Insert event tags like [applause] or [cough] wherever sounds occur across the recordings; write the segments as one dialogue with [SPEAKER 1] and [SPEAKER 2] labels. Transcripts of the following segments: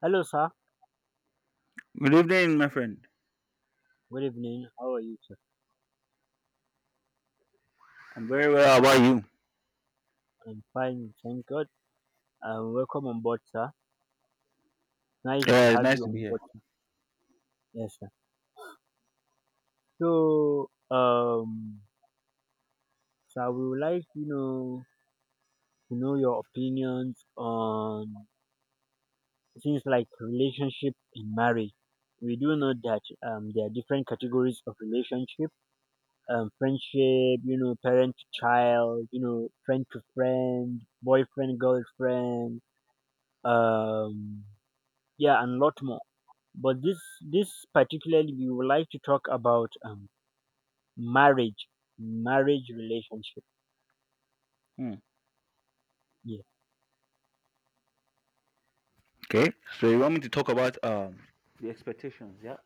[SPEAKER 1] Hello, sir.
[SPEAKER 2] Good evening, my friend.
[SPEAKER 1] Good evening. How are you, sir?
[SPEAKER 2] I'm very well. How about you?
[SPEAKER 1] I'm fine, thank God. Welcome on board, sir. Nice to
[SPEAKER 2] Yeah, it's
[SPEAKER 1] have
[SPEAKER 2] nice to
[SPEAKER 1] you
[SPEAKER 2] be
[SPEAKER 1] on
[SPEAKER 2] here.
[SPEAKER 1] board, sir. Yes, sir. So, um, Sir, we would like to know your opinions on things like relationship and marriage. We do know that there are different categories of relationship, friendship, you know, parent to child, you know, friend to friend, boyfriend, girlfriend, um, yeah, and lot more. But this particularly we would like to talk about marriage, marriage relationship.
[SPEAKER 2] Hmm.
[SPEAKER 1] Yeah.
[SPEAKER 2] Okay. So you want me to talk about the expectations? Yeah.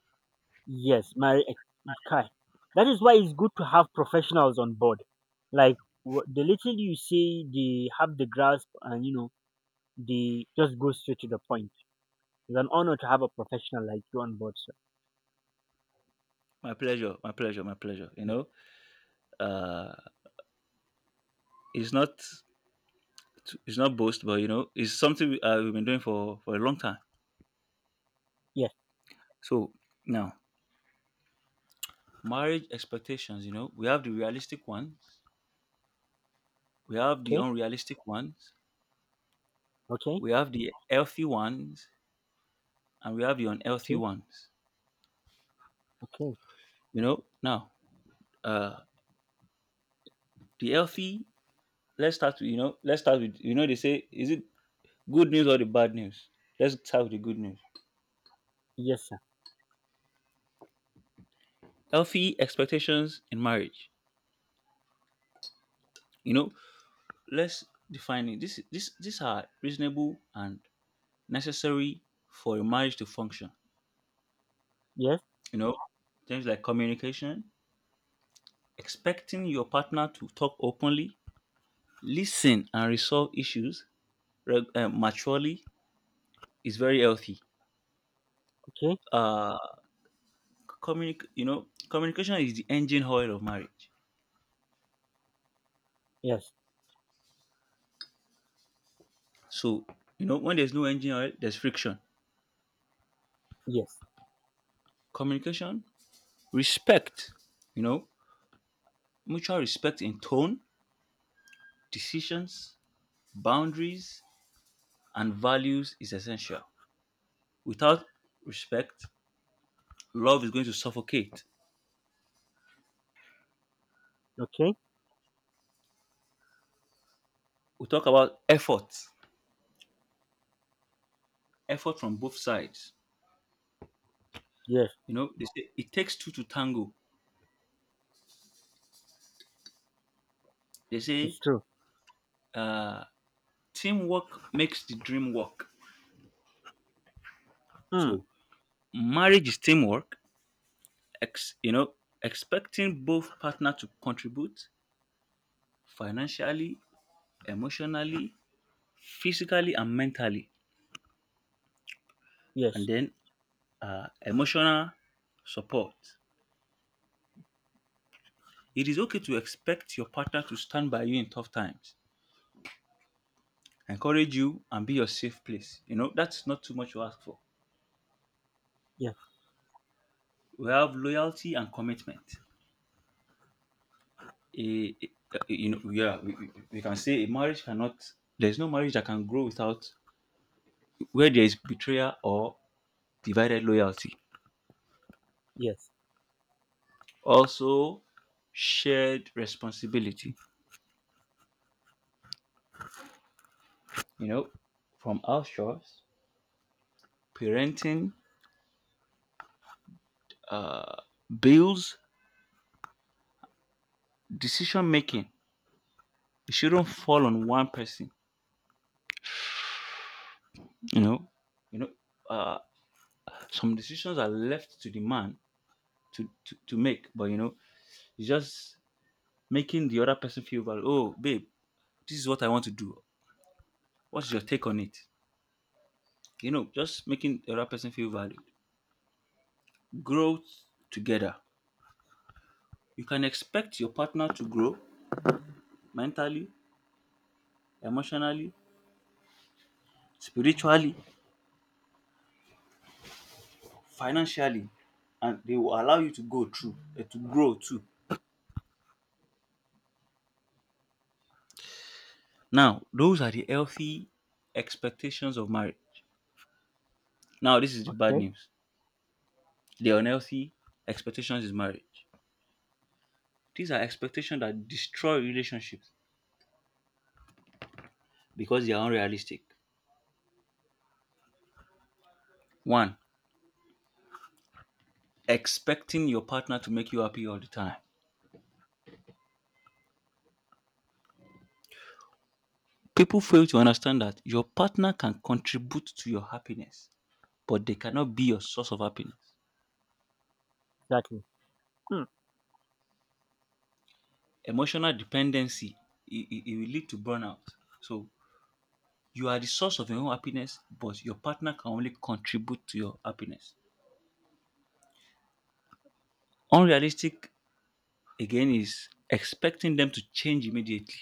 [SPEAKER 1] Yes, marriage. Kai. That is why it's good to have professionals on board. Like the little you say, they have the grasp, and you know they just go straight to the point. It's an honor to have a professional like you on board, sir.
[SPEAKER 2] My pleasure. My pleasure. My pleasure. You
[SPEAKER 1] Yes.
[SPEAKER 2] know, uh, it's not it's not boast, but you know, it's something we, we've been doing for a long time.
[SPEAKER 1] Yes.
[SPEAKER 2] So now, marriage expectations. You know, we have the realistic ones, we have the
[SPEAKER 1] Okay.
[SPEAKER 2] unrealistic ones,
[SPEAKER 1] Okay.
[SPEAKER 2] we have the healthy ones, and we have the unhealthy
[SPEAKER 1] Okay.
[SPEAKER 2] ones.
[SPEAKER 1] Okay.
[SPEAKER 2] You know, now, uh, the healthy, let's start with, you know, they say, is it good news or the bad news? Let's start with the good news.
[SPEAKER 1] Yes, sir.
[SPEAKER 2] Healthy expectations in marriage, you know, let's define it. This these are reasonable and necessary for a marriage to function.
[SPEAKER 1] Yes.
[SPEAKER 2] You know, things like communication, expecting your partner to talk openly, listen, and resolve issues maturely is very healthy.
[SPEAKER 1] Okay.
[SPEAKER 2] uh Communication is the engine oil of marriage.
[SPEAKER 1] Yes.
[SPEAKER 2] So, you know, when there's no engine oil, there's friction.
[SPEAKER 1] Yes.
[SPEAKER 2] Communication, respect, you know, mutual respect in tone, decisions, boundaries, and values is essential. Without respect, love is going to suffocate.
[SPEAKER 1] Okay.
[SPEAKER 2] We talk about effort, effort from both sides.
[SPEAKER 1] Yes.
[SPEAKER 2] You know, they say it takes two to tango. They say
[SPEAKER 1] It's true.
[SPEAKER 2] teamwork makes the dream work.
[SPEAKER 1] Mm.
[SPEAKER 2] So, marriage is teamwork. Ex, you know, Expecting both partner to contribute financially, emotionally, physically, and mentally. And
[SPEAKER 1] Yes.
[SPEAKER 2] then emotional support. It is okay to expect your partner to stand by you in tough times, encourage you, and be your safe place. You know, that's not too much to ask for.
[SPEAKER 1] Yes.
[SPEAKER 2] We have loyalty and commitment. A, a- we can say a marriage cannot, there's no marriage that can grow without, where there is betrayal or divided loyalty.
[SPEAKER 1] Yes.
[SPEAKER 2] Also, shared responsibility, you know, from our shores, parenting, uh, bills, decision making. It shouldn't fall on one person. You know, you know, uh, some decisions are left to the man to make, but you know, it's just making the other person feel valued. Oh, babe, this is what I want to do. What's your take on it? You know, just making the other person feel valued. Grow together. You can expect your partner to grow mentally, emotionally, spiritually, financially, and they will allow you to go through to grow too. Now, those are the healthy expectations of marriage. Now, this is the bad
[SPEAKER 1] Okay,
[SPEAKER 2] news. The unhealthy expectations is marriage. These are expectations that destroy relationships because they are unrealistic. One, expecting your partner to make you happy all the time. People fail to understand that your partner can contribute to your happiness, but they cannot be your source of happiness.
[SPEAKER 1] exactly. Mm,
[SPEAKER 2] Emotional dependency, it will lead to burnout. So, you are the source of your own happiness, but your partner can only contribute to your happiness. Unrealistic, again, is expecting them to change immediately.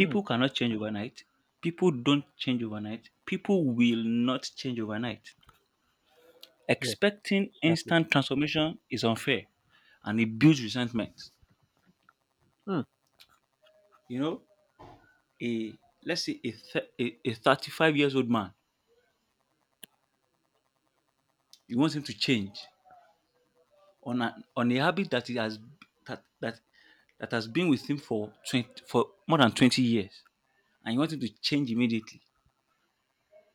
[SPEAKER 1] mm,
[SPEAKER 2] cannot change overnight. People don't change overnight. People will not change overnight.
[SPEAKER 1] yes,
[SPEAKER 2] Expecting
[SPEAKER 1] exactly.
[SPEAKER 2] instant transformation is unfair and it builds resentment.
[SPEAKER 1] Mm,
[SPEAKER 2] You know, a let's say a 35 years old man, you want him to change on a habit that he has that that that has been with him for for more than 20 years, and you want him to change immediately.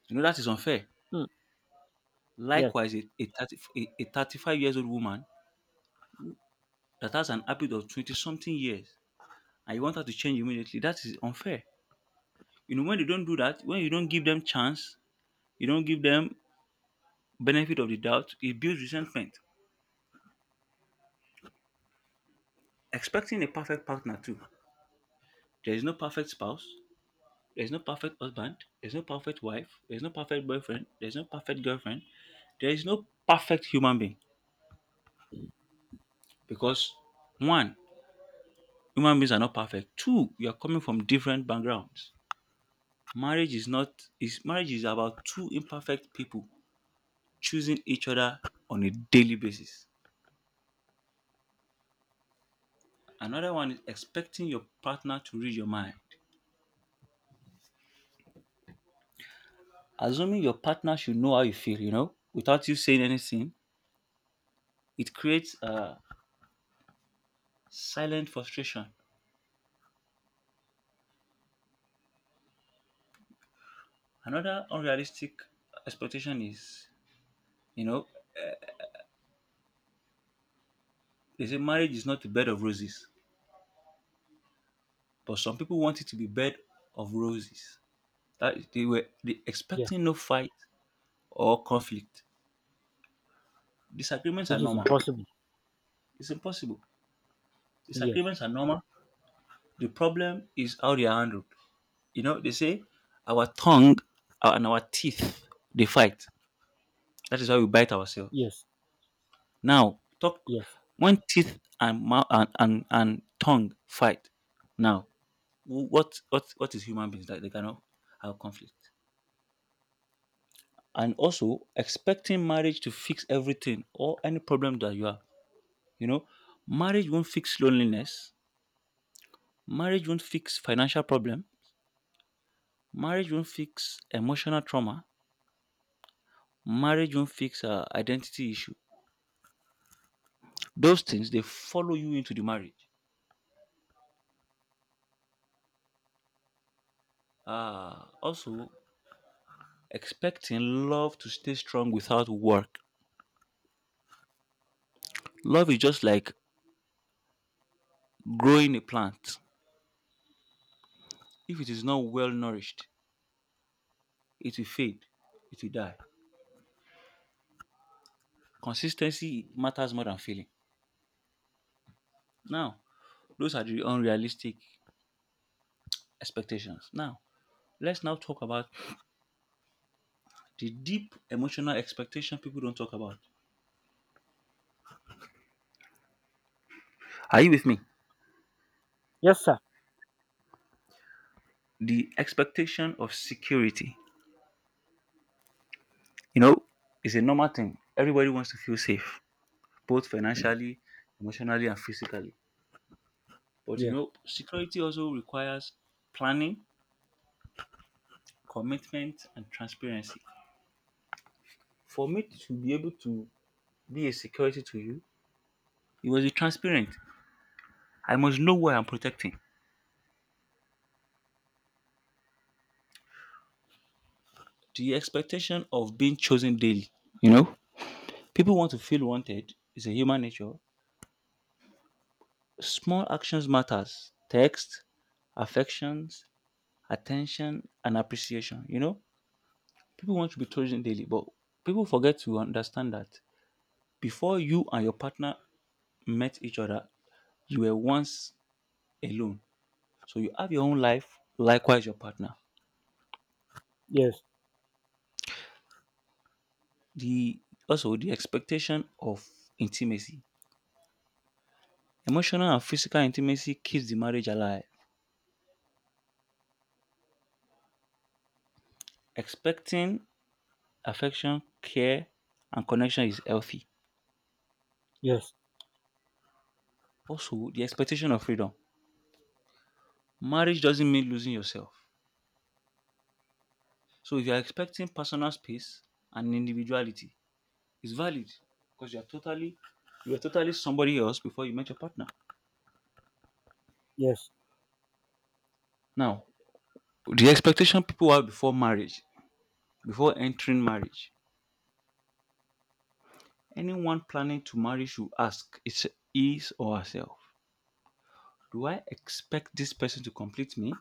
[SPEAKER 2] You know that is unfair.
[SPEAKER 1] mm, yes,
[SPEAKER 2] Likewise, a 35 years old woman that has an habit of 20 something years, and you want her to change immediately, that is unfair. You know, when you don't do that, when you don't give them chance, you don't give them benefit of the doubt, it builds resentment. Expecting a perfect partner too. There is no perfect spouse. There's no perfect husband. There's no perfect wife. There's no perfect boyfriend. There's no perfect girlfriend. There is no perfect human being because, one, human beings are not perfect. Two, you are coming from different backgrounds. Marriage is not is Marriage is about two imperfect people choosing each other on a daily basis. Another one is expecting your partner to read your mind. Assuming your partner should know how you feel, you know, without you saying anything, it creates a silent frustration. Another unrealistic expectation is, you know, they say marriage is not a bed of roses, but some people want it to be bed of roses. That is- they were they
[SPEAKER 1] yes,
[SPEAKER 2] expecting no fight or conflict. Disagreements are
[SPEAKER 1] which is
[SPEAKER 2] normal.
[SPEAKER 1] impossible.
[SPEAKER 2] It's impossible.
[SPEAKER 1] Yes,
[SPEAKER 2] Disagreements are normal. The problem is how they are handled. You know, they say our tongue and our teeth, they fight. That is how we bite ourselves.
[SPEAKER 1] yes,
[SPEAKER 2] Now, talk
[SPEAKER 1] yes,
[SPEAKER 2] when teeth and mouth and tongue fight. Now what is human beings that they cannot have conflict? And also expecting marriage to fix everything or any problem that you have. You know, marriage won't fix loneliness. Marriage won't fix financial problem. Marriage won't fix emotional trauma. Marriage won't fix identity issue. Those things, they follow you into the marriage. Also expecting love to stay strong without work. Love is just like growing a plant. If it is not well nourished, it will fade, it will die. Consistency matters more than feeling. Now, those are the unrealistic expectations. Now, let's now talk about the deep emotional expectation people don't talk about. Are you with me?
[SPEAKER 1] yes, sir.
[SPEAKER 2] The expectation of security. You know, it's a normal thing. Everybody wants to feel safe, both financially, emotionally, and physically. But you
[SPEAKER 1] Yes,
[SPEAKER 2] know, security also requires planning, commitment, and transparency. For me to be able to be a security to you, you must be transparent. I must know what I'm protecting. The expectation of being chosen daily. You know, people want to feel wanted. It's a human nature. Small actions matters. Text, affections, attention, and appreciation. You know, people want to be chosen daily, but people forget to understand that before you and your partner met each other, you were once alone. So you have your own life. Likewise, your partner.
[SPEAKER 1] yes,
[SPEAKER 2] The the expectation of intimacy. Emotional and physical intimacy keeps the marriage alive. Expecting affection, care, and connection is healthy.
[SPEAKER 1] yes,
[SPEAKER 2] Also, the expectation of freedom. Marriage doesn't mean losing yourself. So, if you're expecting personal space and individuality, it's valid because you are totally somebody else before you met your partner.
[SPEAKER 1] yes.
[SPEAKER 2] Now, the expectation people have before marriage, before entering marriage, anyone planning to marry should ask is his or herself. Do I expect this person to complete me?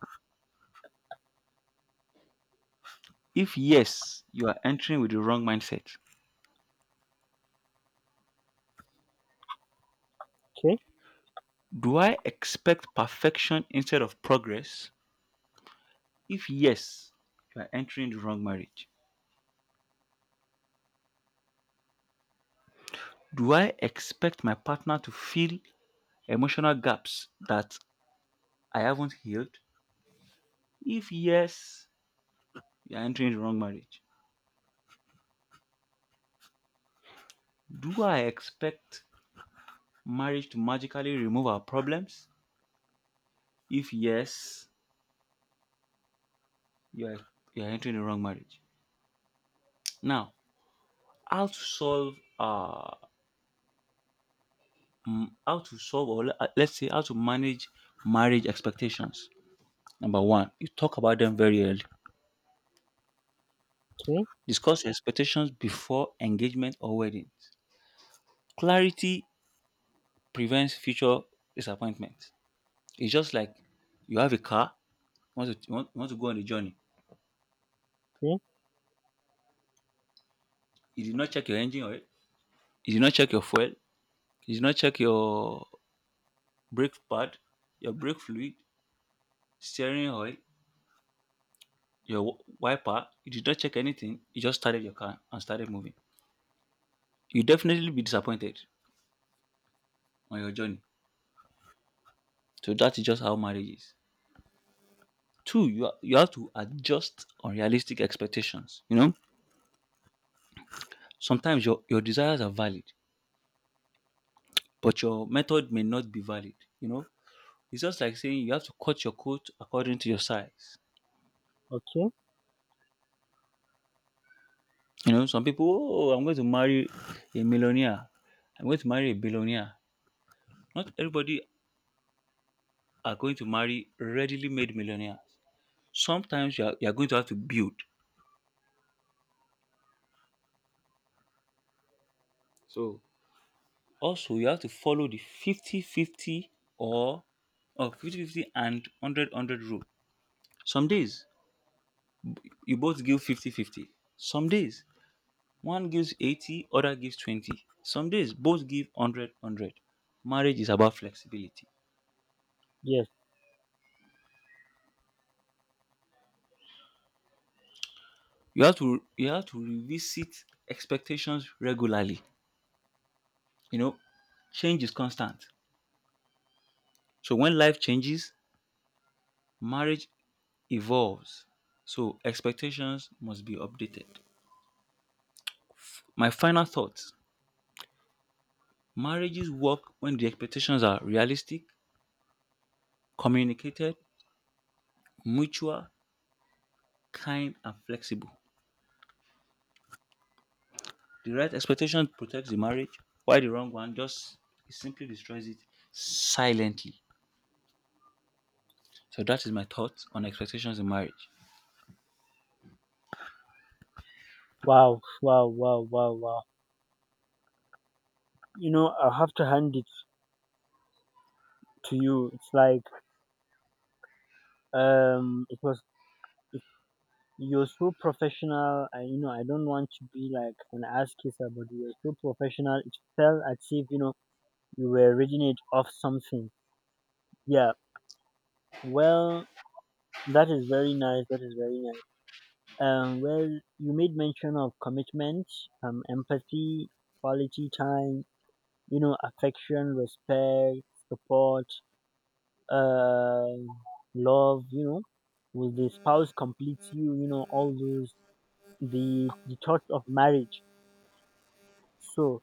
[SPEAKER 2] If yes, you are entering with the wrong mindset.
[SPEAKER 1] Okay,
[SPEAKER 2] Do I expect perfection instead of progress? If yes, you are entering the wrong marriage. Do I expect my partner to fill emotional gaps that I haven't healed? If yes, you are entering the wrong marriage. Do I expect marriage to magically remove our problems? If yes, you are, you are entering the wrong marriage. Now, how to solve let's say how to manage marriage expectations. Number one, you talk about them very early.
[SPEAKER 1] okay,
[SPEAKER 2] Discuss your expectations before engagement or weddings. Clarity prevents future disappointment. It's just like you have a car, you want to go on a journey.
[SPEAKER 1] okay,
[SPEAKER 2] You did not check your engine oil, you did not check your fuel, you did not check your brake pad, your brake fluid, steering oil, your wiper. You did not check anything. You just started your car and started moving. You definitely be disappointed on your journey. So that is just how marriage is. Two, you have to adjust unrealistic expectations. You know, sometimes your desires are valid, but your method may not be valid. You know, it's just like saying you have to cut your coat according to your size.
[SPEAKER 1] okay.
[SPEAKER 2] You know, some people, oh, I'm going to marry a millionaire. I'm going to marry a billionaire. Not everybody are going to marry readily made millionaires. Sometimes you are going to have to build. So also, you have to follow the 50-50 or 50 fifty and 100 rule. Some days you both give 50-50. Some days one gives 80, other gives 20. Some days both give 100. Marriage is about flexibility.
[SPEAKER 1] Yes.
[SPEAKER 2] You have to revisit expectations regularly. You know, change is constant. So when life changes, marriage evolves. So expectations must be updated. My final thoughts: marriages work when the expectations are realistic, communicated, mutual, kind, and flexible. The right expectation protects the marriage, while the wrong one just, it simply destroys it silently. So that is my thoughts on expectations in marriage.
[SPEAKER 1] Wow, wow, wow, wow, wow. You know, I have to hand it to you. It's like it was. It, you're so professional. I, you know, I don't want to be like an ass kisser, but you're so professional. It felt as if you know you were reading it off something. Yeah. Well, that is very nice. That is very nice. Um, well, you made mention of commitment, empathy, quality time, you know, affection, respect, support, uh, love. You know, will the spouse complete you? You know, all those the thoughts of marriage. So,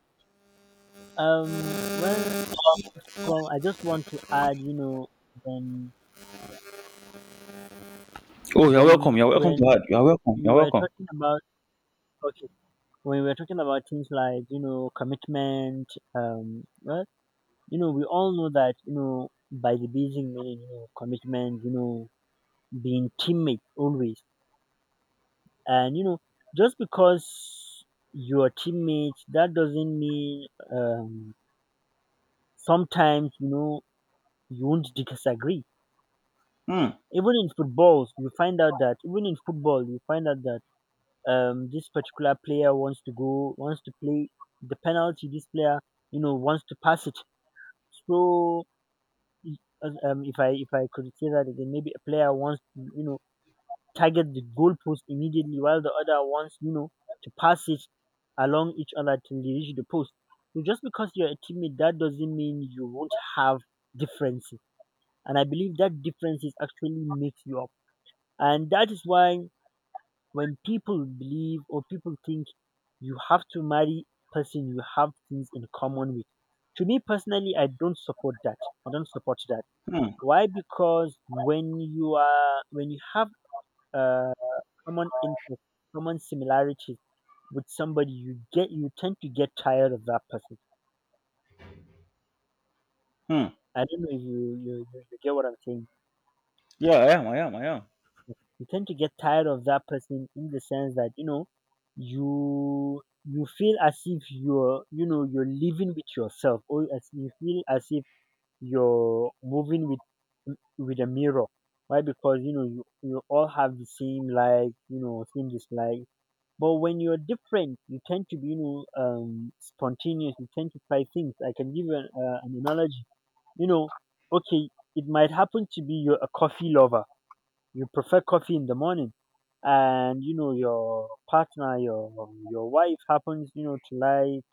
[SPEAKER 1] um, well, from I just want to add, you know, when
[SPEAKER 2] Oh, you're
[SPEAKER 1] when
[SPEAKER 2] welcome. You're welcome to
[SPEAKER 1] when
[SPEAKER 2] add. You're welcome.
[SPEAKER 1] you
[SPEAKER 2] You're
[SPEAKER 1] were
[SPEAKER 2] welcome.
[SPEAKER 1] talking about okay when we're talking about things like you know commitment well, you know, we all know that you know by the basic meaning you know commitment you know being teammate always and you know just because you're teammate that doesn't mean um sometimes you know you won't disagree
[SPEAKER 2] Hmm.
[SPEAKER 1] even in footballs you find out that even in football you find out that this particular player wants to go wants to play the penalty this player you know wants to pass it. So if I could say that again, maybe a player wants to you know target the goalpost immediately, while the other wants you know to pass it along each other till they reach the post. So just because you're a teammate, that doesn't mean you won't have differences. And I believe that differences actually makes you up. And that is why when people believe or people think you have to marry person you have things in common with. To me personally, I don't support that. I don't support that.
[SPEAKER 2] Hmm.
[SPEAKER 1] Why? Because when you are when you have a common interest, common similarities with somebody, you get you tend to get tired of that person.
[SPEAKER 2] Hmm.
[SPEAKER 1] I don't know if you get what I'm saying.
[SPEAKER 2] Yeah, I am. I am. I am.
[SPEAKER 1] You tend to get tired of that person in the sense that you know you feel as if you're you know you're living with yourself, or as you feel as if you're moving with a mirror. Why? Because you know you, you all have the same like you know same dislike. But when you're different, you tend to be, you know, spontaneous. You tend to try things. I can give you an analogy. You know, okay, it might happen to be you're a coffee lover. You prefer coffee in the morning, and you know your partner, your wife happens, you know, to like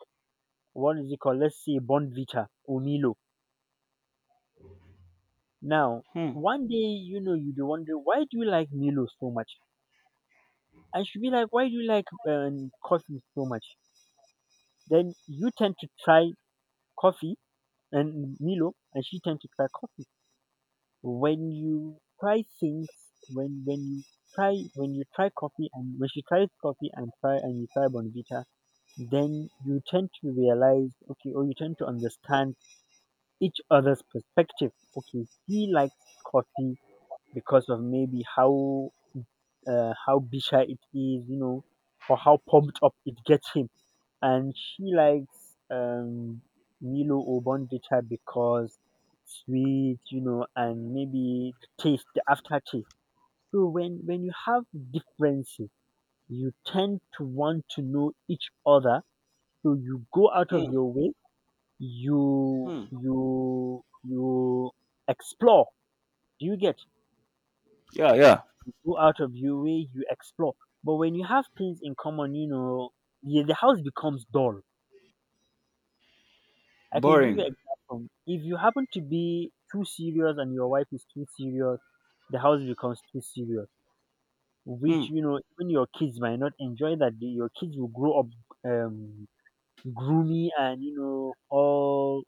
[SPEAKER 1] what is it called? Let's say Bonvita or Milo. Now,
[SPEAKER 2] Hmm.
[SPEAKER 1] one day, you know, you'd be wondering why do you like Milo so much? I should be like, why do you like coffee so much? Then you tend to try coffee and Milo, and she tend to try coffee. When you try things, when when you when you try coffee and when she tries coffee and try and you try Bonvita, then you tend to realize okay, or you tend to understand each other's perspective. Okay, he likes coffee because of maybe how bitter it is, you know, or how pumped up it gets him, and she likes Milo or Bonvita because it's sweet, you know, and maybe the taste, the aftertaste. So when you have differences, you tend to want to know each other. So you go out of
[SPEAKER 2] Hmm.
[SPEAKER 1] your way, you
[SPEAKER 2] Hmm.
[SPEAKER 1] you you explore. Do you get
[SPEAKER 2] Yeah. Yeah.
[SPEAKER 1] go out of your way? You explore. But when you have things in common, you know, yeah, the house becomes dull. I can give you
[SPEAKER 2] Boring.
[SPEAKER 1] an example. If you happen to be too serious and your wife is too serious, the house becomes too serious,
[SPEAKER 2] Hmm.
[SPEAKER 1] which you know even your kids might not enjoy that. The- Your kids will grow up um, gloomy and you know all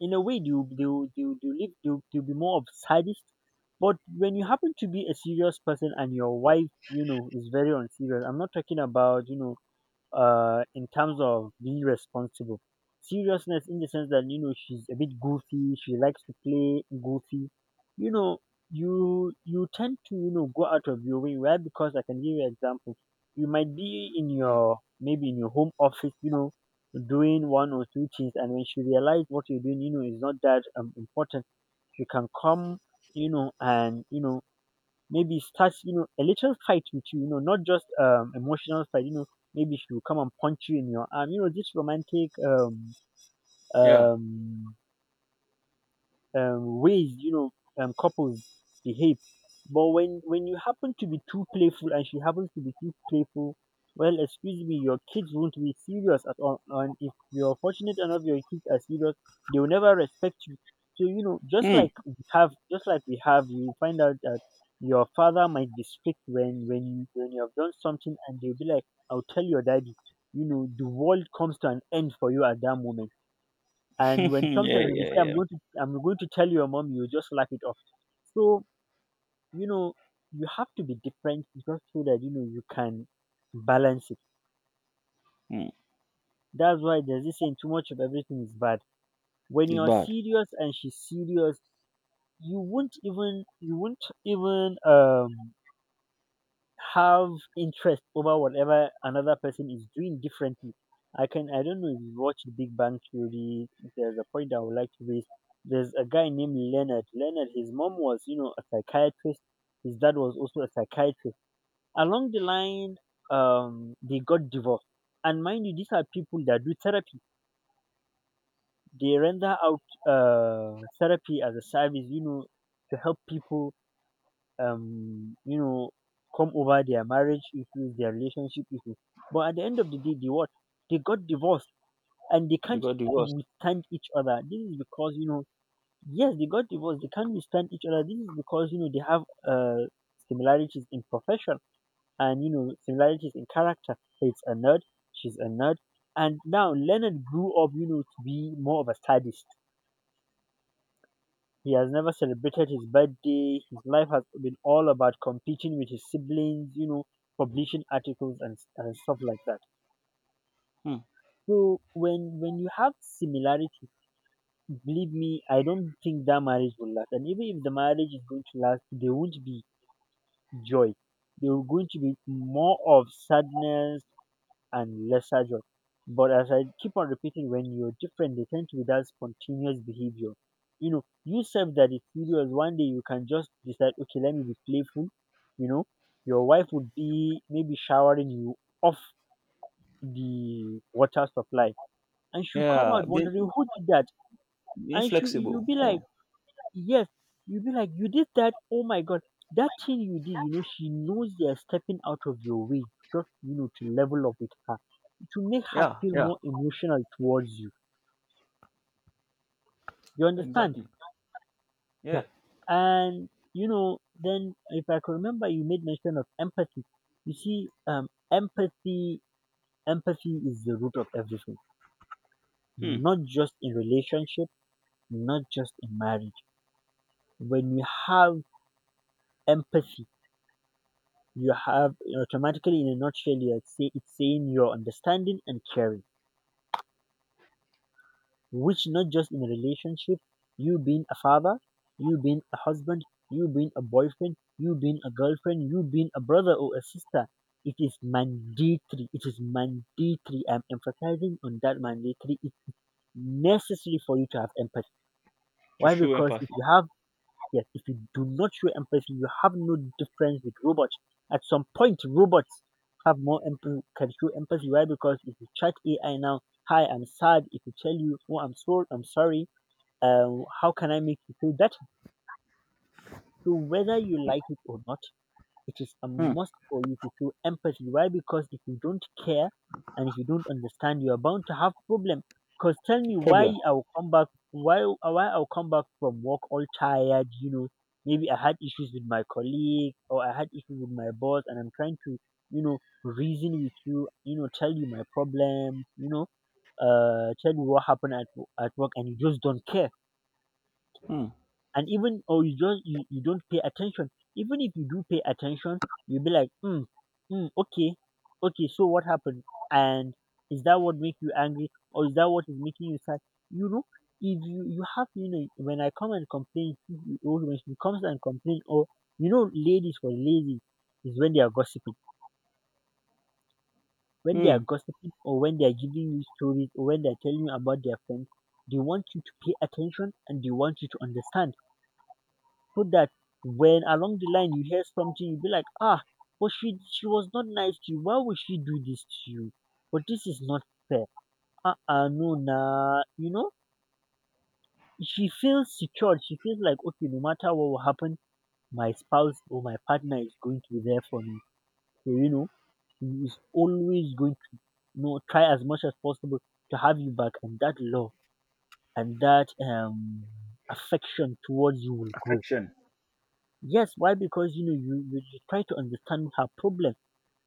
[SPEAKER 1] in a way they will they will, they will, they will, live, they will be more of sadist. But when you happen to be a serious person and your wife, you know, is very unserious, I'm not talking about you know in terms of being responsible, seriousness in the sense that you know she's a bit goofy she likes to play goofy, you know, you tend to you know go out of your way right because I can give you an example. You might be in your maybe in your home office, you know, doing one or two things, and when she realizes what you're doing you know is not that important, she can come you know and you know maybe start you know a little fight with you, you know, not just emotional fight, you know, maybe she will come and punch you in your arm. You know, this romantic
[SPEAKER 2] Yeah.
[SPEAKER 1] um ways you know couples behave. But when you happen to be too playful and she happens to be too playful, well, excuse me, your kids won't be serious at all. And if you're fortunate enough, your kids are serious, they will never respect you. So you know,
[SPEAKER 2] Hmm.
[SPEAKER 1] just like we have, you find out that your father might be strict when you have done something, and they'll be like, "I'll tell your daddy." You know, the world comes to an end for you at that moment, and
[SPEAKER 2] [laughs]
[SPEAKER 1] when
[SPEAKER 2] yeah.
[SPEAKER 1] sometimes when they
[SPEAKER 2] Yeah.
[SPEAKER 1] say
[SPEAKER 2] Yeah.
[SPEAKER 1] I'm going to tell your mom, you just laugh it off. So you know you have to be different just so that you know you can balance it.
[SPEAKER 2] Hmm.
[SPEAKER 1] That's why there's this saying too much of everything is bad. When
[SPEAKER 2] It's
[SPEAKER 1] you're
[SPEAKER 2] bad.
[SPEAKER 1] serious and she's serious, you won't even have interest over whatever another person is doing differently. I can I don't know if you've watched Big Bang Theory. There's a point I would like to raise. There's a guy named Leonard. Leonard, his mom was, you know, a psychiatrist. His dad was also a psychiatrist. Along the line, they got divorced. And mind you, these are people that do therapy. They render out therapy as a service, you know, to help people um you know come over their marriage issues, their relationship issues. But at the end of the day, they what? They got divorced and they
[SPEAKER 2] You
[SPEAKER 1] can't
[SPEAKER 2] got divorced.
[SPEAKER 1] withstand each other. This is because you know, yes, they got divorced. They can't withstand each other. This is because you know they have uh similarities in profession and you know similarities in character. It's a nerd. She's a nerd. And now Leonard grew up, you know, to be more of a sadist. He has never celebrated his birthday. His life has been all about competing with his siblings, you know, publishing articles and stuff like that.
[SPEAKER 2] Hmm.
[SPEAKER 1] So when you have similarity, believe me, I don't think that marriage will last. And even if the marriage is going to last, there won't be joy. There will going to be more of sadness and less agile. But as I keep on repeating, when you're different, they tend to be that spontaneous behavior. You know, you self that is serious, one day you can just decide, okay, let me be playful. You know, your wife would be maybe showering you off the water supply, and she'll come
[SPEAKER 2] Yeah,
[SPEAKER 1] out
[SPEAKER 2] being
[SPEAKER 1] wondering who did that,
[SPEAKER 2] being
[SPEAKER 1] and she
[SPEAKER 2] flexible. Oh,
[SPEAKER 1] yes, you'll be like, you did that. Oh my god, that thing you did. You know, she knows they're stepping out of your way just you know to level up with her to make her
[SPEAKER 2] yeah,
[SPEAKER 1] feel
[SPEAKER 2] yeah,
[SPEAKER 1] more emotional towards you. You understand?
[SPEAKER 2] exactly.
[SPEAKER 1] Yeah.
[SPEAKER 2] Yeah.
[SPEAKER 1] And you know, then if I can remember, you made mention of empathy. You see, empathy, empathy is the root of everything.
[SPEAKER 2] Hmm.
[SPEAKER 1] Not just in relationship, not just in marriage. When you have empathy, you have automatically, in a nutshell, you are say, it's saying you're understanding and caring, which not just in a relationship, you being a father, you being a husband, you being a boyfriend, you being a girlfriend, you being a brother or a sister. It is mandatory. It is mandatory. I'm emphasizing on that mandatory. It's necessary for you to have empathy.
[SPEAKER 2] To
[SPEAKER 1] Why?
[SPEAKER 2] show
[SPEAKER 1] Because if
[SPEAKER 2] empathy.
[SPEAKER 1] you have, yes, if you do not show empathy, you have no difference with robots. At some point, robots have more empathy, can show empathy. Why? Because if you chat AI now, hi, I'm sad. It will tell you, oh, I'm sorry, I'm sorry, how can I make you feel better? So whether you like it or not, it is a
[SPEAKER 2] Hmm.
[SPEAKER 1] must for you to show empathy. Why? Because if you don't care and if you don't understand, you are bound to have problem. Because tell me
[SPEAKER 2] Problem.
[SPEAKER 1] why I will come back, why I'll come back from work all tired. You know, maybe I had issues with my colleague or I had issues with my boss, and I'm trying to, you know, reason with you. You know, tell you my problems. You know, tell you what happened at work, and you just don't care
[SPEAKER 2] Hmm.
[SPEAKER 1] and even or you just you don't pay attention. Even if you do pay attention, you'll be like, mm, okay, okay, so what happened, and is that what makes you angry or is that what is making you sad? You know, if you have, you know, when I come and complain, or when she comes and complain or, you know, ladies for lazy is when they are gossiping, when they are
[SPEAKER 2] Hmm.
[SPEAKER 1] gossiping or when they are giving you stories or when they are telling you about their friends, they want you to pay attention and they want you to understand, so that when along the line you hear something you'll be like, ah, but she was not nice to you. Why would she do this to you? But this is not fair. Ah, uh, no, nah. You know, she feels secured. She feels like, okay, no matter what will happen, my spouse or my partner is going to be there for me. So you know, she is always going to, you know, try as much as possible to have you back, and that love and that affection towards you will grow.
[SPEAKER 2] Affection.
[SPEAKER 1] Yes, why? Because you know, you try to understand her problem.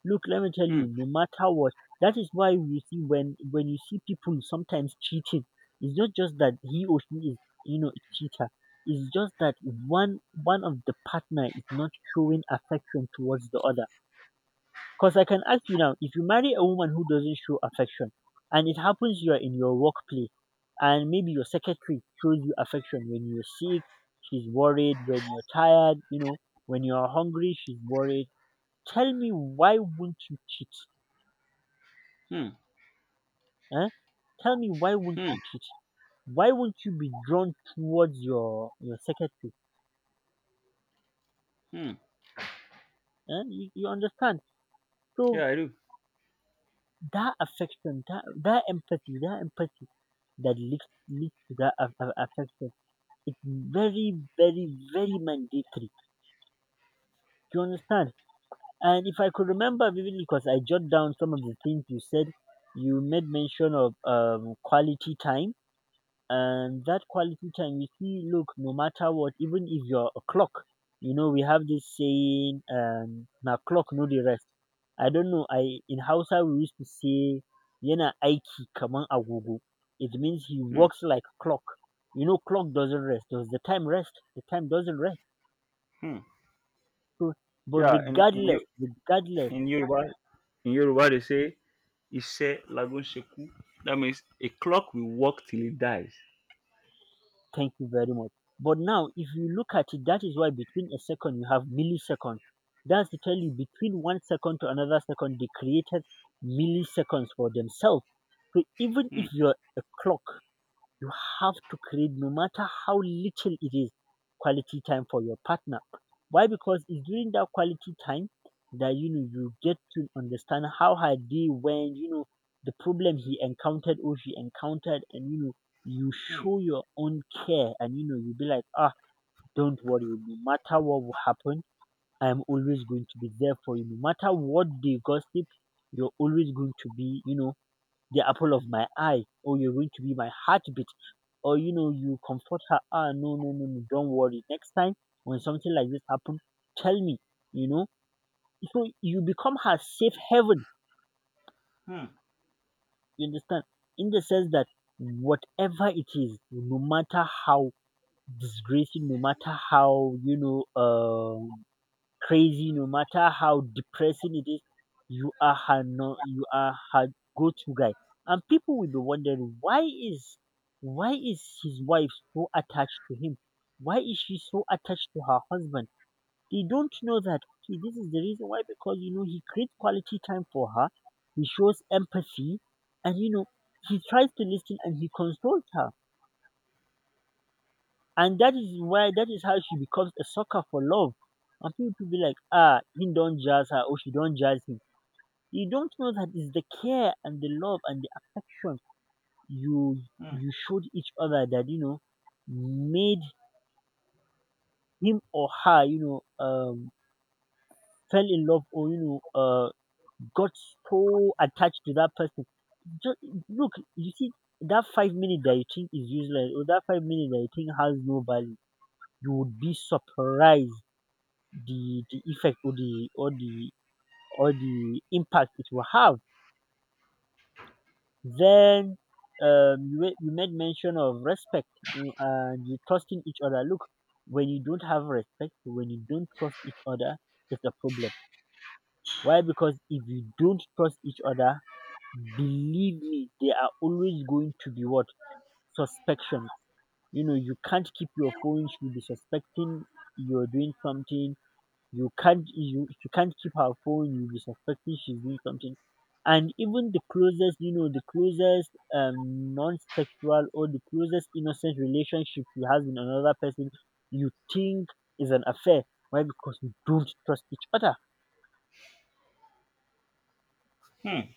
[SPEAKER 1] Look, let me tell
[SPEAKER 2] Hmm.
[SPEAKER 1] you, no matter what, that is why we see when you see people sometimes cheating, it's not just that he or she is, you know, a cheater. It's just that one of the partner is not showing affection towards the other. Because I can ask you now, if you marry a woman who doesn't show affection, and it happens you are in your workplace, and maybe your secretary shows you affection when you're sick, she's worried, when you're tired, you know, when you're hungry, she's worried. Tell me why won't you cheat?
[SPEAKER 2] Hmm.
[SPEAKER 1] Huh? Tell me why won't
[SPEAKER 2] Hmm.
[SPEAKER 1] you cheat? Why won't you be drawn towards your secretary?
[SPEAKER 2] Hmm.
[SPEAKER 1] Huh? You understand? So
[SPEAKER 2] Yeah, I do.
[SPEAKER 1] that affection, that empathy, that empathy that leads to that affection, it's very, very, very mandatory. Do you understand? And if I could remember vividly, because I jot down some of the things you said, you made mention of quality time. And that quality time, you see, look, no matter what, even if you're a clock, you know, we have this saying, na clock, no the rest. I don't know. I In Hausa, we used to say, yana aiki kaman agogo. It means he
[SPEAKER 2] Hmm.
[SPEAKER 1] works like a clock. You know, clock doesn't rest. Does the time rest? The time doesn't rest.
[SPEAKER 2] Hmm.
[SPEAKER 1] So, but
[SPEAKER 2] Yeah, in your
[SPEAKER 1] regardless, regardless,
[SPEAKER 2] in Yoruba in Yoruba they say Ise lagun sheku. That means a clock will work till it dies.
[SPEAKER 1] thank you very much. But now, if you look at it, that is why between a second you have milliseconds. That's to tell you between 1 second to another second, they created milliseconds for themselves. So even
[SPEAKER 2] Hmm.
[SPEAKER 1] if you're a clock, you have to create, no matter how little it is, quality time for your partner. Why? Because it's during that quality time that, you know, you get to understand how her day went, you know, the problem he encountered or she encountered, and you know, you
[SPEAKER 2] Hmm.
[SPEAKER 1] show your own care and you know you be like, ah, don't worry, no matter what will happen, I am always going to be there for you. No matter what they gossip, you're always going to be, you know, the apple of my eye or you're going to be my heartbeat, or you know, you comfort her, ah, no, no, no, no, don't worry, next time when something like this happen, tell me, you know. So you become her safe haven,
[SPEAKER 2] Hmm.
[SPEAKER 1] you understand, in the sense that whatever it is, no matter how disgracing, no matter how, you know, crazy, no matter how depressing it is, you are her, no, you are her go-to guy. And people will be wondering, why is, why is his wife so attached to him? Why is she so attached to her husband? They don't know that, okay, this is the reason why, because, you know, he creates quality time for her, he shows empathy, and you know, he tries to listen and he consoles her. And that is why, that is how she becomes a sucker for love. And people be like, ah, he don't jazz her or she don't jazz him. You don't know that it's the care and the love and the affection you
[SPEAKER 2] Hmm.
[SPEAKER 1] you showed each other that, you know, made him or her, you know, fell in love, or you know, got so attached to that person. Just look, you see that 5 minutes that you think is useless or that 5 minutes that you think has no value, you would be surprised the effect or the or the or the impact it will have. Then you you made mention of respect and you trusting each other. Look, when you don't have respect, when you don't trust each other, it's a problem. Why? Because if you don't trust each other, believe me, there are always going to be what, suspicion. You know, you can't keep your phone. You'll be suspecting you're doing something. You can't you can't keep her phone. You'll be suspecting she's doing something. And even the closest, you know, the closest non-sexual or the closest innocent relationship you have with another person, you think is an affair. Why? Because you don't trust each other.
[SPEAKER 2] Hmm.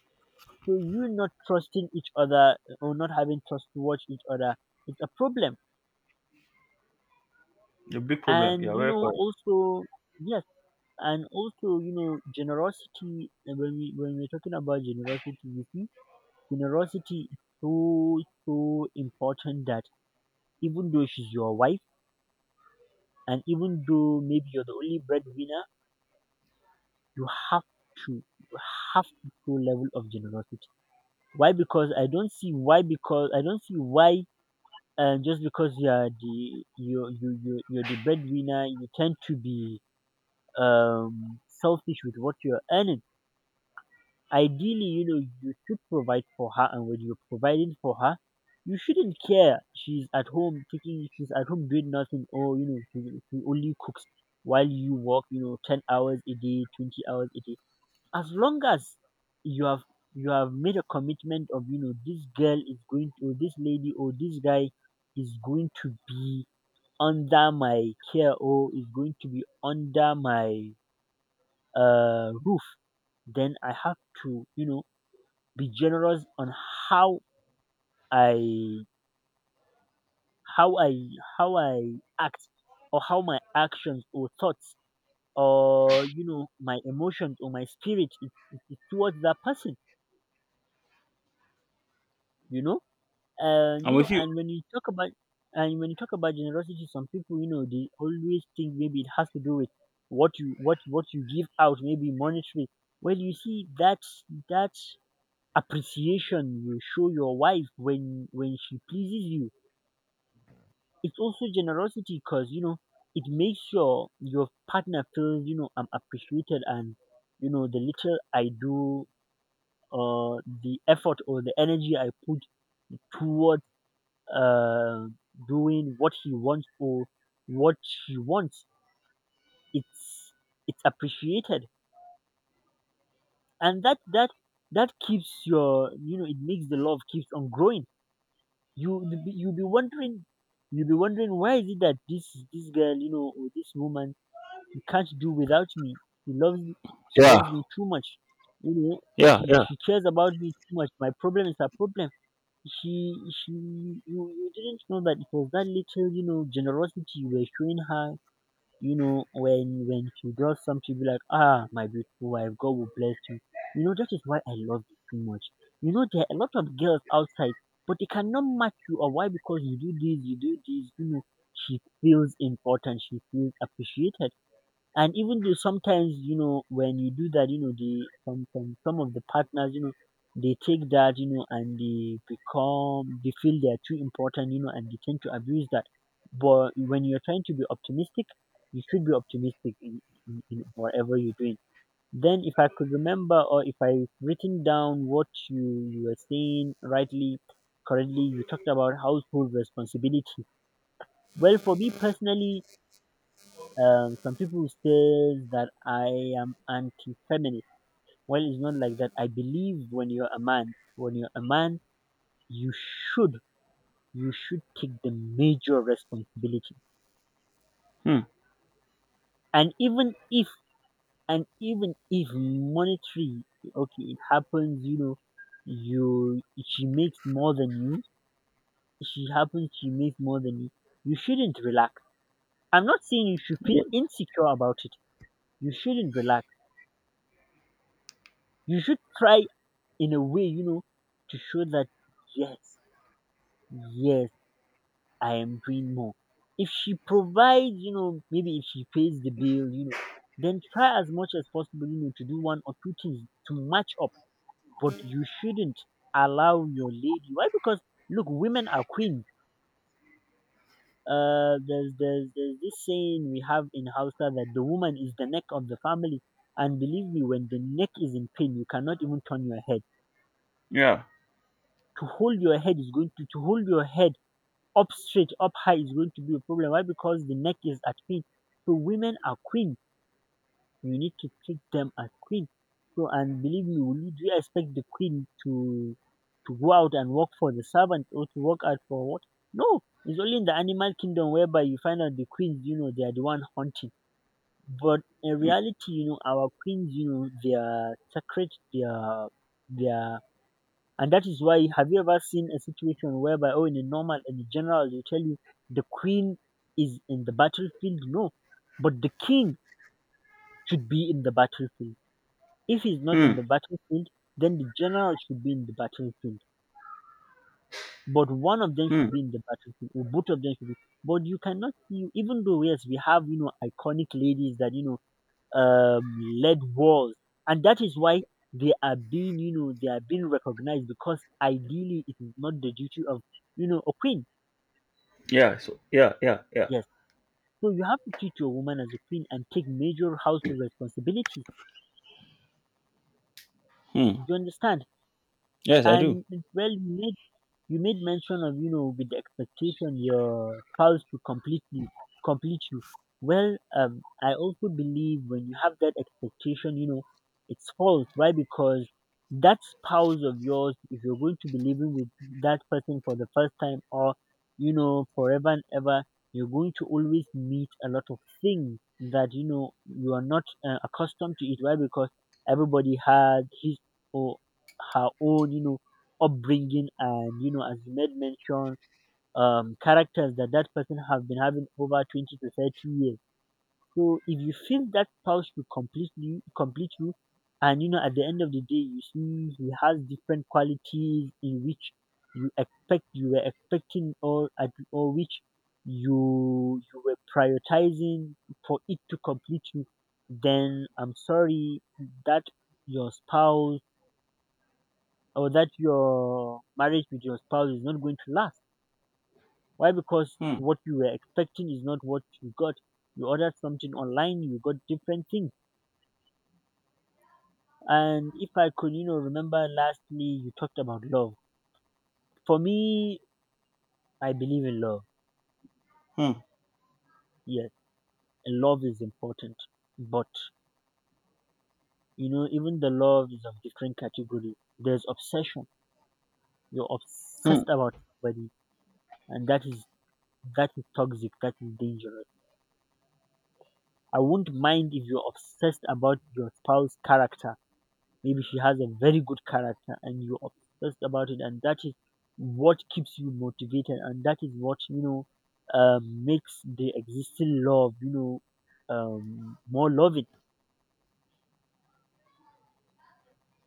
[SPEAKER 1] So you not trusting each other, or not having trust towards each other, it's a problem.
[SPEAKER 2] A big problem. Yeah,
[SPEAKER 1] And you
[SPEAKER 2] very
[SPEAKER 1] know,
[SPEAKER 2] correct.
[SPEAKER 1] also, yes, and also, you know, generosity. When we're talking about generosity, you see, generosity is so, so important that even though she's your wife and even though maybe you're the only breadwinner, you have to, you have to show level of generosity. Why? Because I don't see why, and just because you are the, you're the breadwinner, you tend to be selfish with what you're earning. Ideally, you know, you should provide for her, and when you're providing for her, you shouldn't care, she's at home taking, she's at home doing nothing, or you know, she only cooks while you work, you know, 10 hours a day, 20 hours a day. As long as you have, you have made a commitment of, you know, this girl is going to, or this lady or this guy is going to be under my care, or is going to be under my roof, then I have to, you know, be generous on how I, how I, how I act, or how my actions or thoughts, or you know, my emotions or my spirit is, towards that person. You know, and
[SPEAKER 2] I'm
[SPEAKER 1] you know,
[SPEAKER 2] with you.
[SPEAKER 1] and when you talk about generosity, some people, you know, they always think maybe it has to do with what you, what you give out, maybe monetary. Well, you see that, that appreciation you show your wife when she pleases you, it's also generosity, because you know, it makes your partner feel, you know, I'm appreciated, and you know, the little I do, or the effort or the energy I put towards uh doing what he wants, or what she wants, it's it's appreciated, and that keeps your, you know, it makes the love keeps on growing. You, you'll be wondering, you'll be wondering, why is it that this girl, you know, or this woman can't do without me. She loves me. She
[SPEAKER 2] Yeah.
[SPEAKER 1] loves me too much. You know,
[SPEAKER 2] Yeah.
[SPEAKER 1] she
[SPEAKER 2] Yeah.
[SPEAKER 1] she cares about me too much. My problem is her problem. You didn't know that it was that little generosity you were showing her. When she does something, be like, ah, my beautiful wife, God will bless you. You know that is why I love you too much. There are a lot of girls outside, but they cannot match you. Or why? Because you do this, you do this. She feels important. She feels appreciated. And even though sometimes, when you do that, they some of the partners, they take that, and they feel they are too important, and they tend to abuse that. But when you're trying to be optimistic, you should be optimistic in whatever you're doing. Then if I could remember or if I've written down what you were saying rightly, correctly, you talked about household responsibility. Well, for me personally, some people says that I am anti-feminist. Well, it's not like that. I believe when you're a man, you should you should take the major responsibility.
[SPEAKER 2] Hmm.
[SPEAKER 1] And even if and even if monetary, okay, it happens. You know, you she makes more than you. She happens. She makes more than you. You shouldn't relax. I'm not saying you should feel insecure about it. You shouldn't relax. You should try in a way, to show that yes, yes, I am doing more. If she provides, maybe if she pays the bill, then try as much as possible, to do one or two things to match up. But you shouldn't allow your lady. Why? Because look, women are queens. There's this saying we have in Hausa that the woman is the neck of the family. And believe me, when the neck is in pain, you cannot even turn your head.
[SPEAKER 2] Yeah.
[SPEAKER 1] To hold your head up straight, up high is going to be a problem. Why? Because the neck is at queen. So women are queen. You need to treat them as queen. So, and believe me, do you expect the queen to go out and work for the servants or to work out for what? No. It's only in the animal kingdom whereby you find out the queens, they are the one hunting. But in reality, our queens, they are sacred, they are and that is why, have you ever seen a situation whereby, oh, in a general, they tell you the queen is in the battlefield? No, but the king should be in the battlefield. If he's not
[SPEAKER 2] Hmm.
[SPEAKER 1] in the battlefield, then the general should be in the battlefield. But one of them
[SPEAKER 2] Hmm.
[SPEAKER 1] should be in the battlefield, or both of them should be. But you cannot see, even though, yes, we have, iconic ladies that, lead walls, and that is why they are being recognized because ideally it is not the duty of, a queen.
[SPEAKER 2] Yeah. So yeah. Yeah. Yeah.
[SPEAKER 1] Yes, so you have to treat your woman as a queen and take major household responsibilities.
[SPEAKER 2] Hmm.
[SPEAKER 1] Do you understand?
[SPEAKER 2] Yes, I do.
[SPEAKER 1] And, well, you made mention of, with the expectation your spouse to completely complete you. Well, I also believe when you have that expectation, it's false. Why? Because that spouse of yours, if you're going to be living with that person for the first time or, forever and ever, you're going to always meet a lot of things that, you are not accustomed to it. Why? Because everybody had his or her own, upbringing, and as you made mention, characters that that person have been having over 20 to 30 years. So if you feel that spouse to completely complete you, and at the end of the day, you see he has different qualities in which you were expecting, or which you were prioritizing for it to complete you, then I'm sorry that your spouse or that your marriage with your spouse is not going to last. Why? Because
[SPEAKER 2] Hmm.
[SPEAKER 1] what you were expecting is not what you got. You ordered something online, you got different things. And if I could, remember, lastly, you talked about love. For me, I believe in love.
[SPEAKER 2] Hmm.
[SPEAKER 1] Yes, and love is important. But, even the love is of different category. There's obsession. You're
[SPEAKER 2] Hmm.
[SPEAKER 1] obsessed about somebody, and that is toxic, that is dangerous. I won't mind if you're obsessed about your spouse's character. Maybe she has a very good character and you're obsessed about it, and that is what keeps you motivated, and that is what makes the existing love, more loving.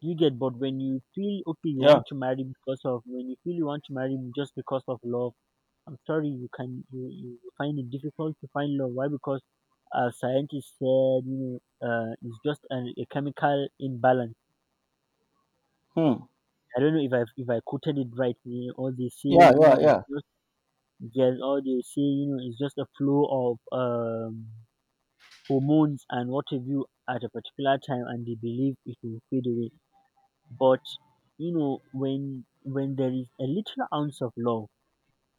[SPEAKER 1] You get, but when you feel okay, you
[SPEAKER 2] Yeah.
[SPEAKER 1] want to marry because of when you feel you want to marry just because of love, I'm sorry you can you, you you find it difficult to find love. Why? Because as scientists said, it's just a chemical imbalance.
[SPEAKER 2] Hmm.
[SPEAKER 1] I don't know if I quoted it right. Or they say,
[SPEAKER 2] Yeah. Yeah.
[SPEAKER 1] it's
[SPEAKER 2] Yeah.
[SPEAKER 1] just there's or they say you know it's just a flow of hormones and what have you at a particular time, and they believe it will fade away. But when there is a little ounce of love,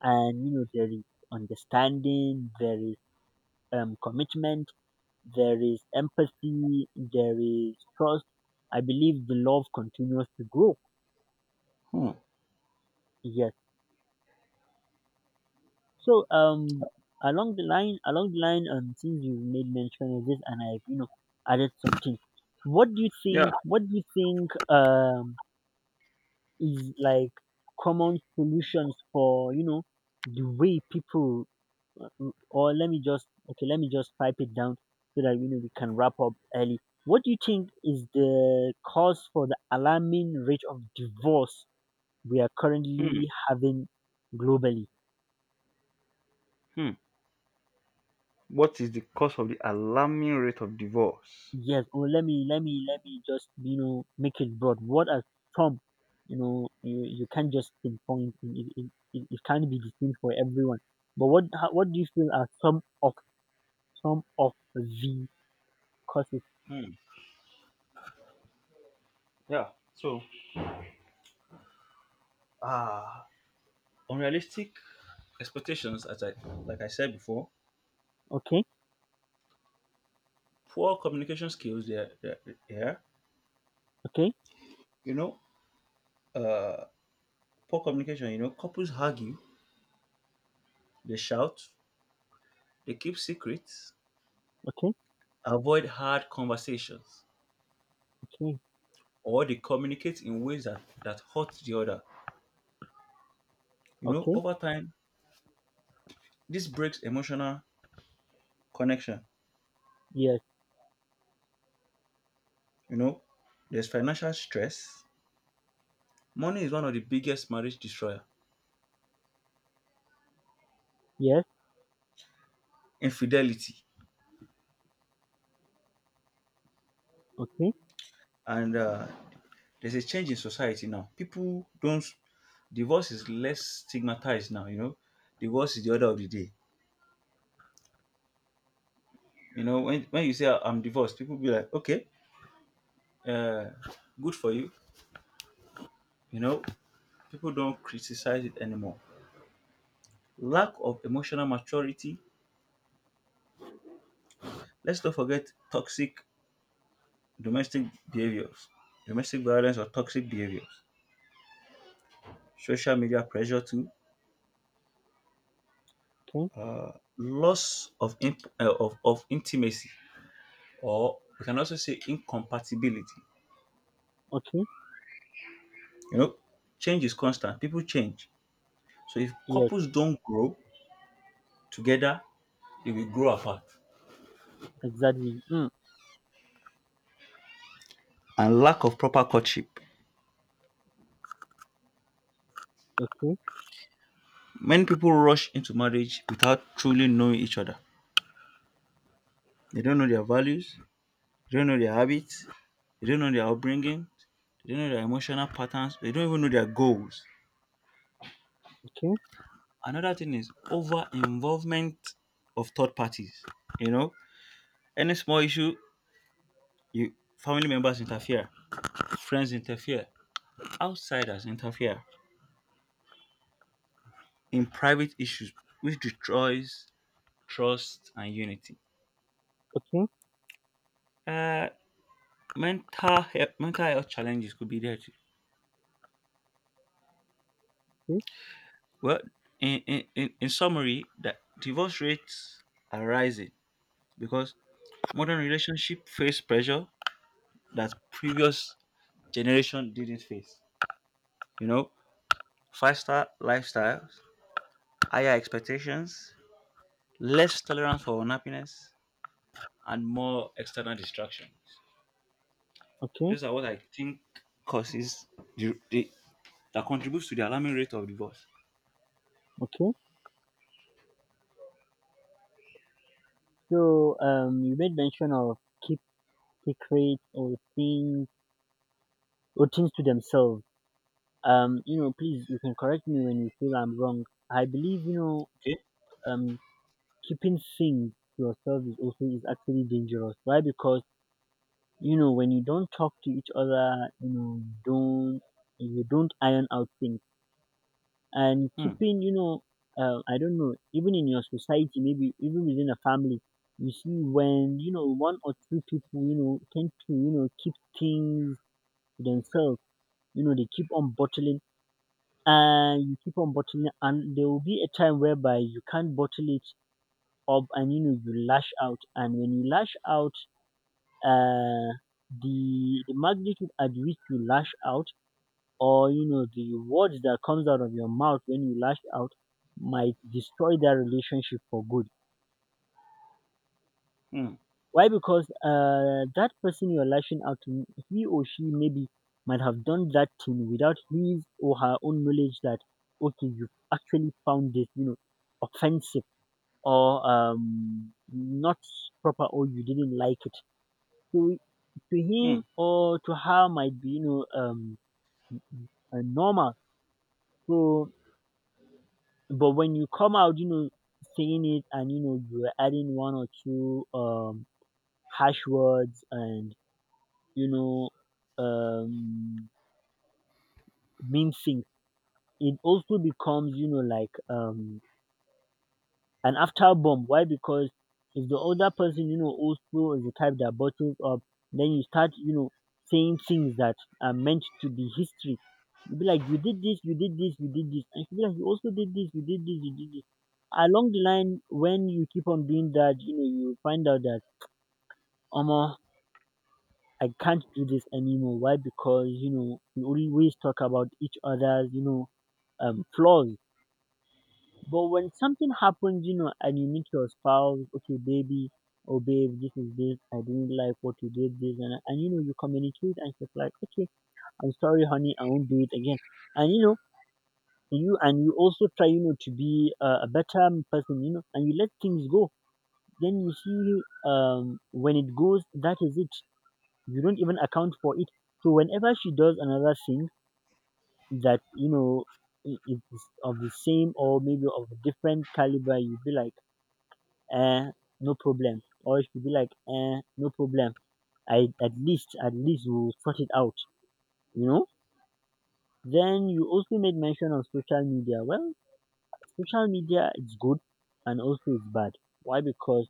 [SPEAKER 1] and there is understanding, there is commitment, there is empathy, there is trust. I believe the love continues to grow.
[SPEAKER 2] Hmm.
[SPEAKER 1] Yes. So, along the line, since you've made mention of this, and I've, added something. What do you
[SPEAKER 2] Yeah.
[SPEAKER 1] think what do you think is like common solutions for, the way people. Or let me just okay let me just pipe it down so that we can wrap up early. What do you think is the cause for the alarming rate of divorce we are
[SPEAKER 2] Hmm.
[SPEAKER 1] currently having globally?
[SPEAKER 2] Hmm. What is the cause of the alarming rate of divorce?
[SPEAKER 1] Yes, or let me just, make it broad. What are some? You can't just pinpoint it. It can't be the same for everyone, but what do you feel are some of the causes?
[SPEAKER 2] Hmm. Yeah. So, ah, unrealistic expectations, as I like I said before,
[SPEAKER 1] Okay,
[SPEAKER 2] poor communication skills. Yeah. Yeah. Yeah.
[SPEAKER 1] okay,
[SPEAKER 2] You know, uh, poor communication. You know, couples argue, they shout, they keep secrets,
[SPEAKER 1] okay,
[SPEAKER 2] avoid hard conversations,
[SPEAKER 1] okay,
[SPEAKER 2] or they communicate in ways that hurt the other. You know,
[SPEAKER 1] okay,
[SPEAKER 2] over time, this breaks emotional connection.
[SPEAKER 1] yes.
[SPEAKER 2] You know, there's financial stress. Money is one of the biggest marriage destroyer.
[SPEAKER 1] Yes,
[SPEAKER 2] Infidelity.
[SPEAKER 1] okay,
[SPEAKER 2] And there's a change in society now. People don't, divorce is less stigmatized now, you know. Divorce is the order of the day. You know, when you say I'm divorced, people be like, okay, uh, good for you. You know, people don't criticize it anymore. Lack of emotional maturity. Let's not forget toxic domestic behaviors, domestic violence or toxic behaviors, social media pressure too,
[SPEAKER 1] okay,
[SPEAKER 2] uh, loss of, of intimacy, or we can also say incompatibility.
[SPEAKER 1] okay,
[SPEAKER 2] You know, change is constant. People change. So if
[SPEAKER 1] yes,
[SPEAKER 2] couples don't grow together, they will grow apart.
[SPEAKER 1] exactly. Mm,
[SPEAKER 2] And lack of proper courtship.
[SPEAKER 1] okay,
[SPEAKER 2] Many people rush into marriage without truly knowing each other. They don't know their values, they don't know their habits, they don't know their upbringing. They don't know their emotional patterns. They don't even know their goals.
[SPEAKER 1] okay,
[SPEAKER 2] Another thing is over involvement of third parties. You know, any small issue, you family members interfere, friends interfere, outsiders interfere in private issues, which destroys trust and unity.
[SPEAKER 1] okay,
[SPEAKER 2] Uh, mental health challenges could be there too.
[SPEAKER 1] okay,
[SPEAKER 2] Well, in summary, that divorce rates are rising because modern relationship face pressure that previous generation didn't face. You know, faster lifestyles, higher expectations, less tolerance for unhappiness, and more external distractions.
[SPEAKER 1] okay,
[SPEAKER 2] Those are what I think causes the, that contributes to the alarming rate of divorce.
[SPEAKER 1] okay. So, you made mention of keep secrets or things to themselves. Please, you can correct me when you feel I'm wrong. I believe,
[SPEAKER 2] Okay.
[SPEAKER 1] um, keeping things to yourself is actually dangerous. Why? Because when you don't talk to each other, don't you don't iron out things. And
[SPEAKER 2] Hmm.
[SPEAKER 1] keeping you know I don't know, even in your society, maybe even within a family, you see when, one or two people tend to, keep things to themselves. They keep on bottling, and you keep on bottling, and there will be a time whereby you can't bottle it up, and you lash out. And when you lash out, uh the magnitude at which you lash out, or the words that comes out of your mouth when you lash out, might destroy that relationship for good.
[SPEAKER 2] Hmm.
[SPEAKER 1] Why? Because that person you're lashing out to, he or she, maybe might have done that thing without his or her own knowledge that okay, you actually found this, offensive or, not proper, or you didn't like it. So, to
[SPEAKER 2] Hmm.
[SPEAKER 1] him or to her, might be, normal. So, but when you come out, saying it, and you're adding one or two, harsh words and, you know um mean things. It also becomes, like, and after bomb. Why? Because if the other person, also is the type that bottles up, then you start, saying things that are meant to be history. You be like, you did this, you did this, you did this. And she'll be like, you also did this, you did this, you did this. Along the line, when you keep on doing that, you find out that, Omo, I can't do this anymore. Why? Because, we always talk about each other's, flaws. But when something happens, you know, and you meet your spouse, okay, baby, oh babe, this is this, I didn't like what you did, this, and you know, you communicate and she's like, okay, I'm sorry, honey, I won't do it again. And you know, you also try, you know, to be a better person, you know, and you let things go. Then you see, when it goes, that is it. You don't even account for it. So whenever she does another thing that, you know, i- is of the same or maybe of a different caliber, you'd be like, um no problem, or she be like, no problem. I At least we will sort it out, you know. Then you also made mention of social media. Well, social media is good and also it's bad. Why? Because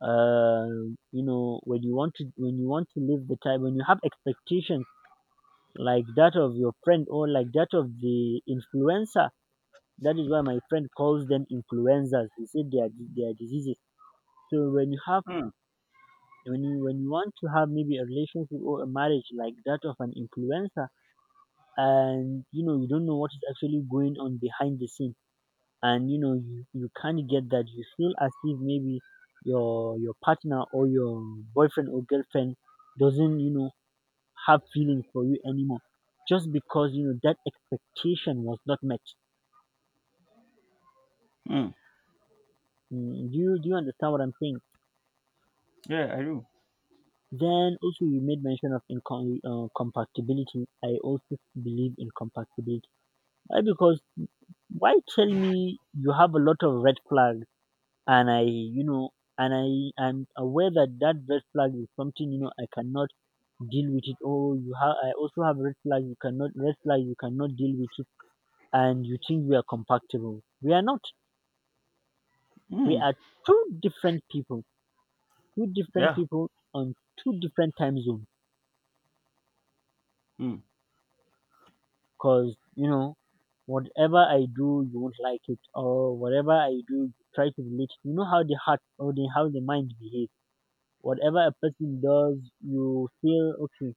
[SPEAKER 1] uh, you know, when you want to live the time when you have expectations like that of your friend or like that of the influencer. That is why my friend calls them influencers. He said they are they are diseases. So
[SPEAKER 2] Hmm.
[SPEAKER 1] when you want to have maybe a relationship or a marriage like that of an influencer, and you know you don't know what is actually going on behind the scene, and you know you can't get that. You feel as if maybe your partner or your boyfriend or girlfriend doesn't, you know, have feelings for you anymore, just because, you know, that expectation was not met.
[SPEAKER 2] Hmm.
[SPEAKER 1] Do you understand what I'm saying?
[SPEAKER 2] Yeah, I do.
[SPEAKER 1] Then also you made mention of compatibility. I also believe in compatibility. Why? Because why? Tell me you have a lot of red flags, and I, you know, and I am aware that that red flag is something, you know, I cannot deal with it. Oh, you have, I also have red flag. You cannot red flag. You cannot deal with it, and you think we are compatible. We are not. We
[SPEAKER 2] Hmm.
[SPEAKER 1] are two different people. Two different
[SPEAKER 2] Yeah.
[SPEAKER 1] people on two different time zones.
[SPEAKER 2] Hmm.
[SPEAKER 1] Cause, you know, whatever I do, you won't like it, or whatever I do, you try to relate. You know how the heart or the how the mind behaves. Whatever a person does, you feel okay,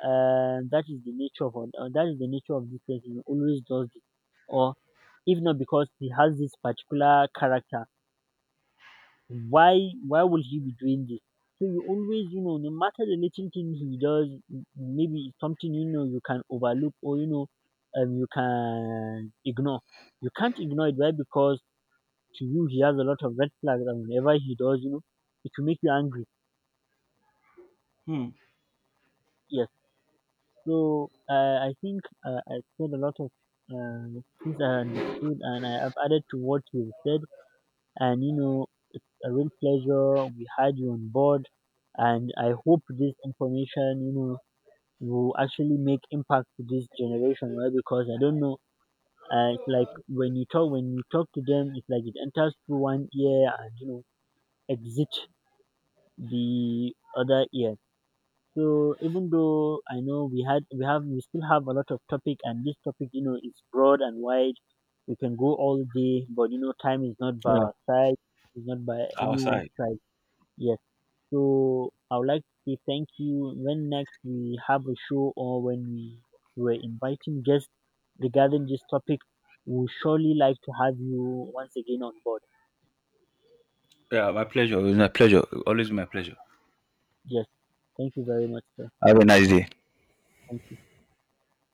[SPEAKER 1] and that is the nature of this person. He always does this, or if not because he has this particular character, why why would he be doing this? So you always, you know, no matter the little thing he does, maybe it's something, you know, you can overlook, or, you know, you can ignore. You can't ignore it, why? Because to you he has a lot of red flags, and whenever he does, you know, it will make you angry.
[SPEAKER 2] Hmm.
[SPEAKER 1] Yes. So I think, I said a lot of things I understood, and I have added to what you said. And, you know, a real pleasure. We had you on board, and I hope this information, you know, will actually make impact to this generation, right? Because I don't know. It's like when you talk to them, it's like it enters through one ear and, you know, exit the other ear. So even though I know we still have a lot of topic, and this topic, you know, is broad and wide. We can go all day, but, you know, time is not by
[SPEAKER 2] Yeah.
[SPEAKER 1] our side, it's not by anyone's
[SPEAKER 2] Outside.
[SPEAKER 1] side. Yes. So I would like to say thank you. When next we have a show or when we were inviting guests regarding this topic, we will surely like to have you once again on board.
[SPEAKER 2] Yeah, my pleasure. It was my pleasure. Always my pleasure.
[SPEAKER 1] Yes. Thank you very much, sir.
[SPEAKER 2] Have a nice day.
[SPEAKER 1] Thank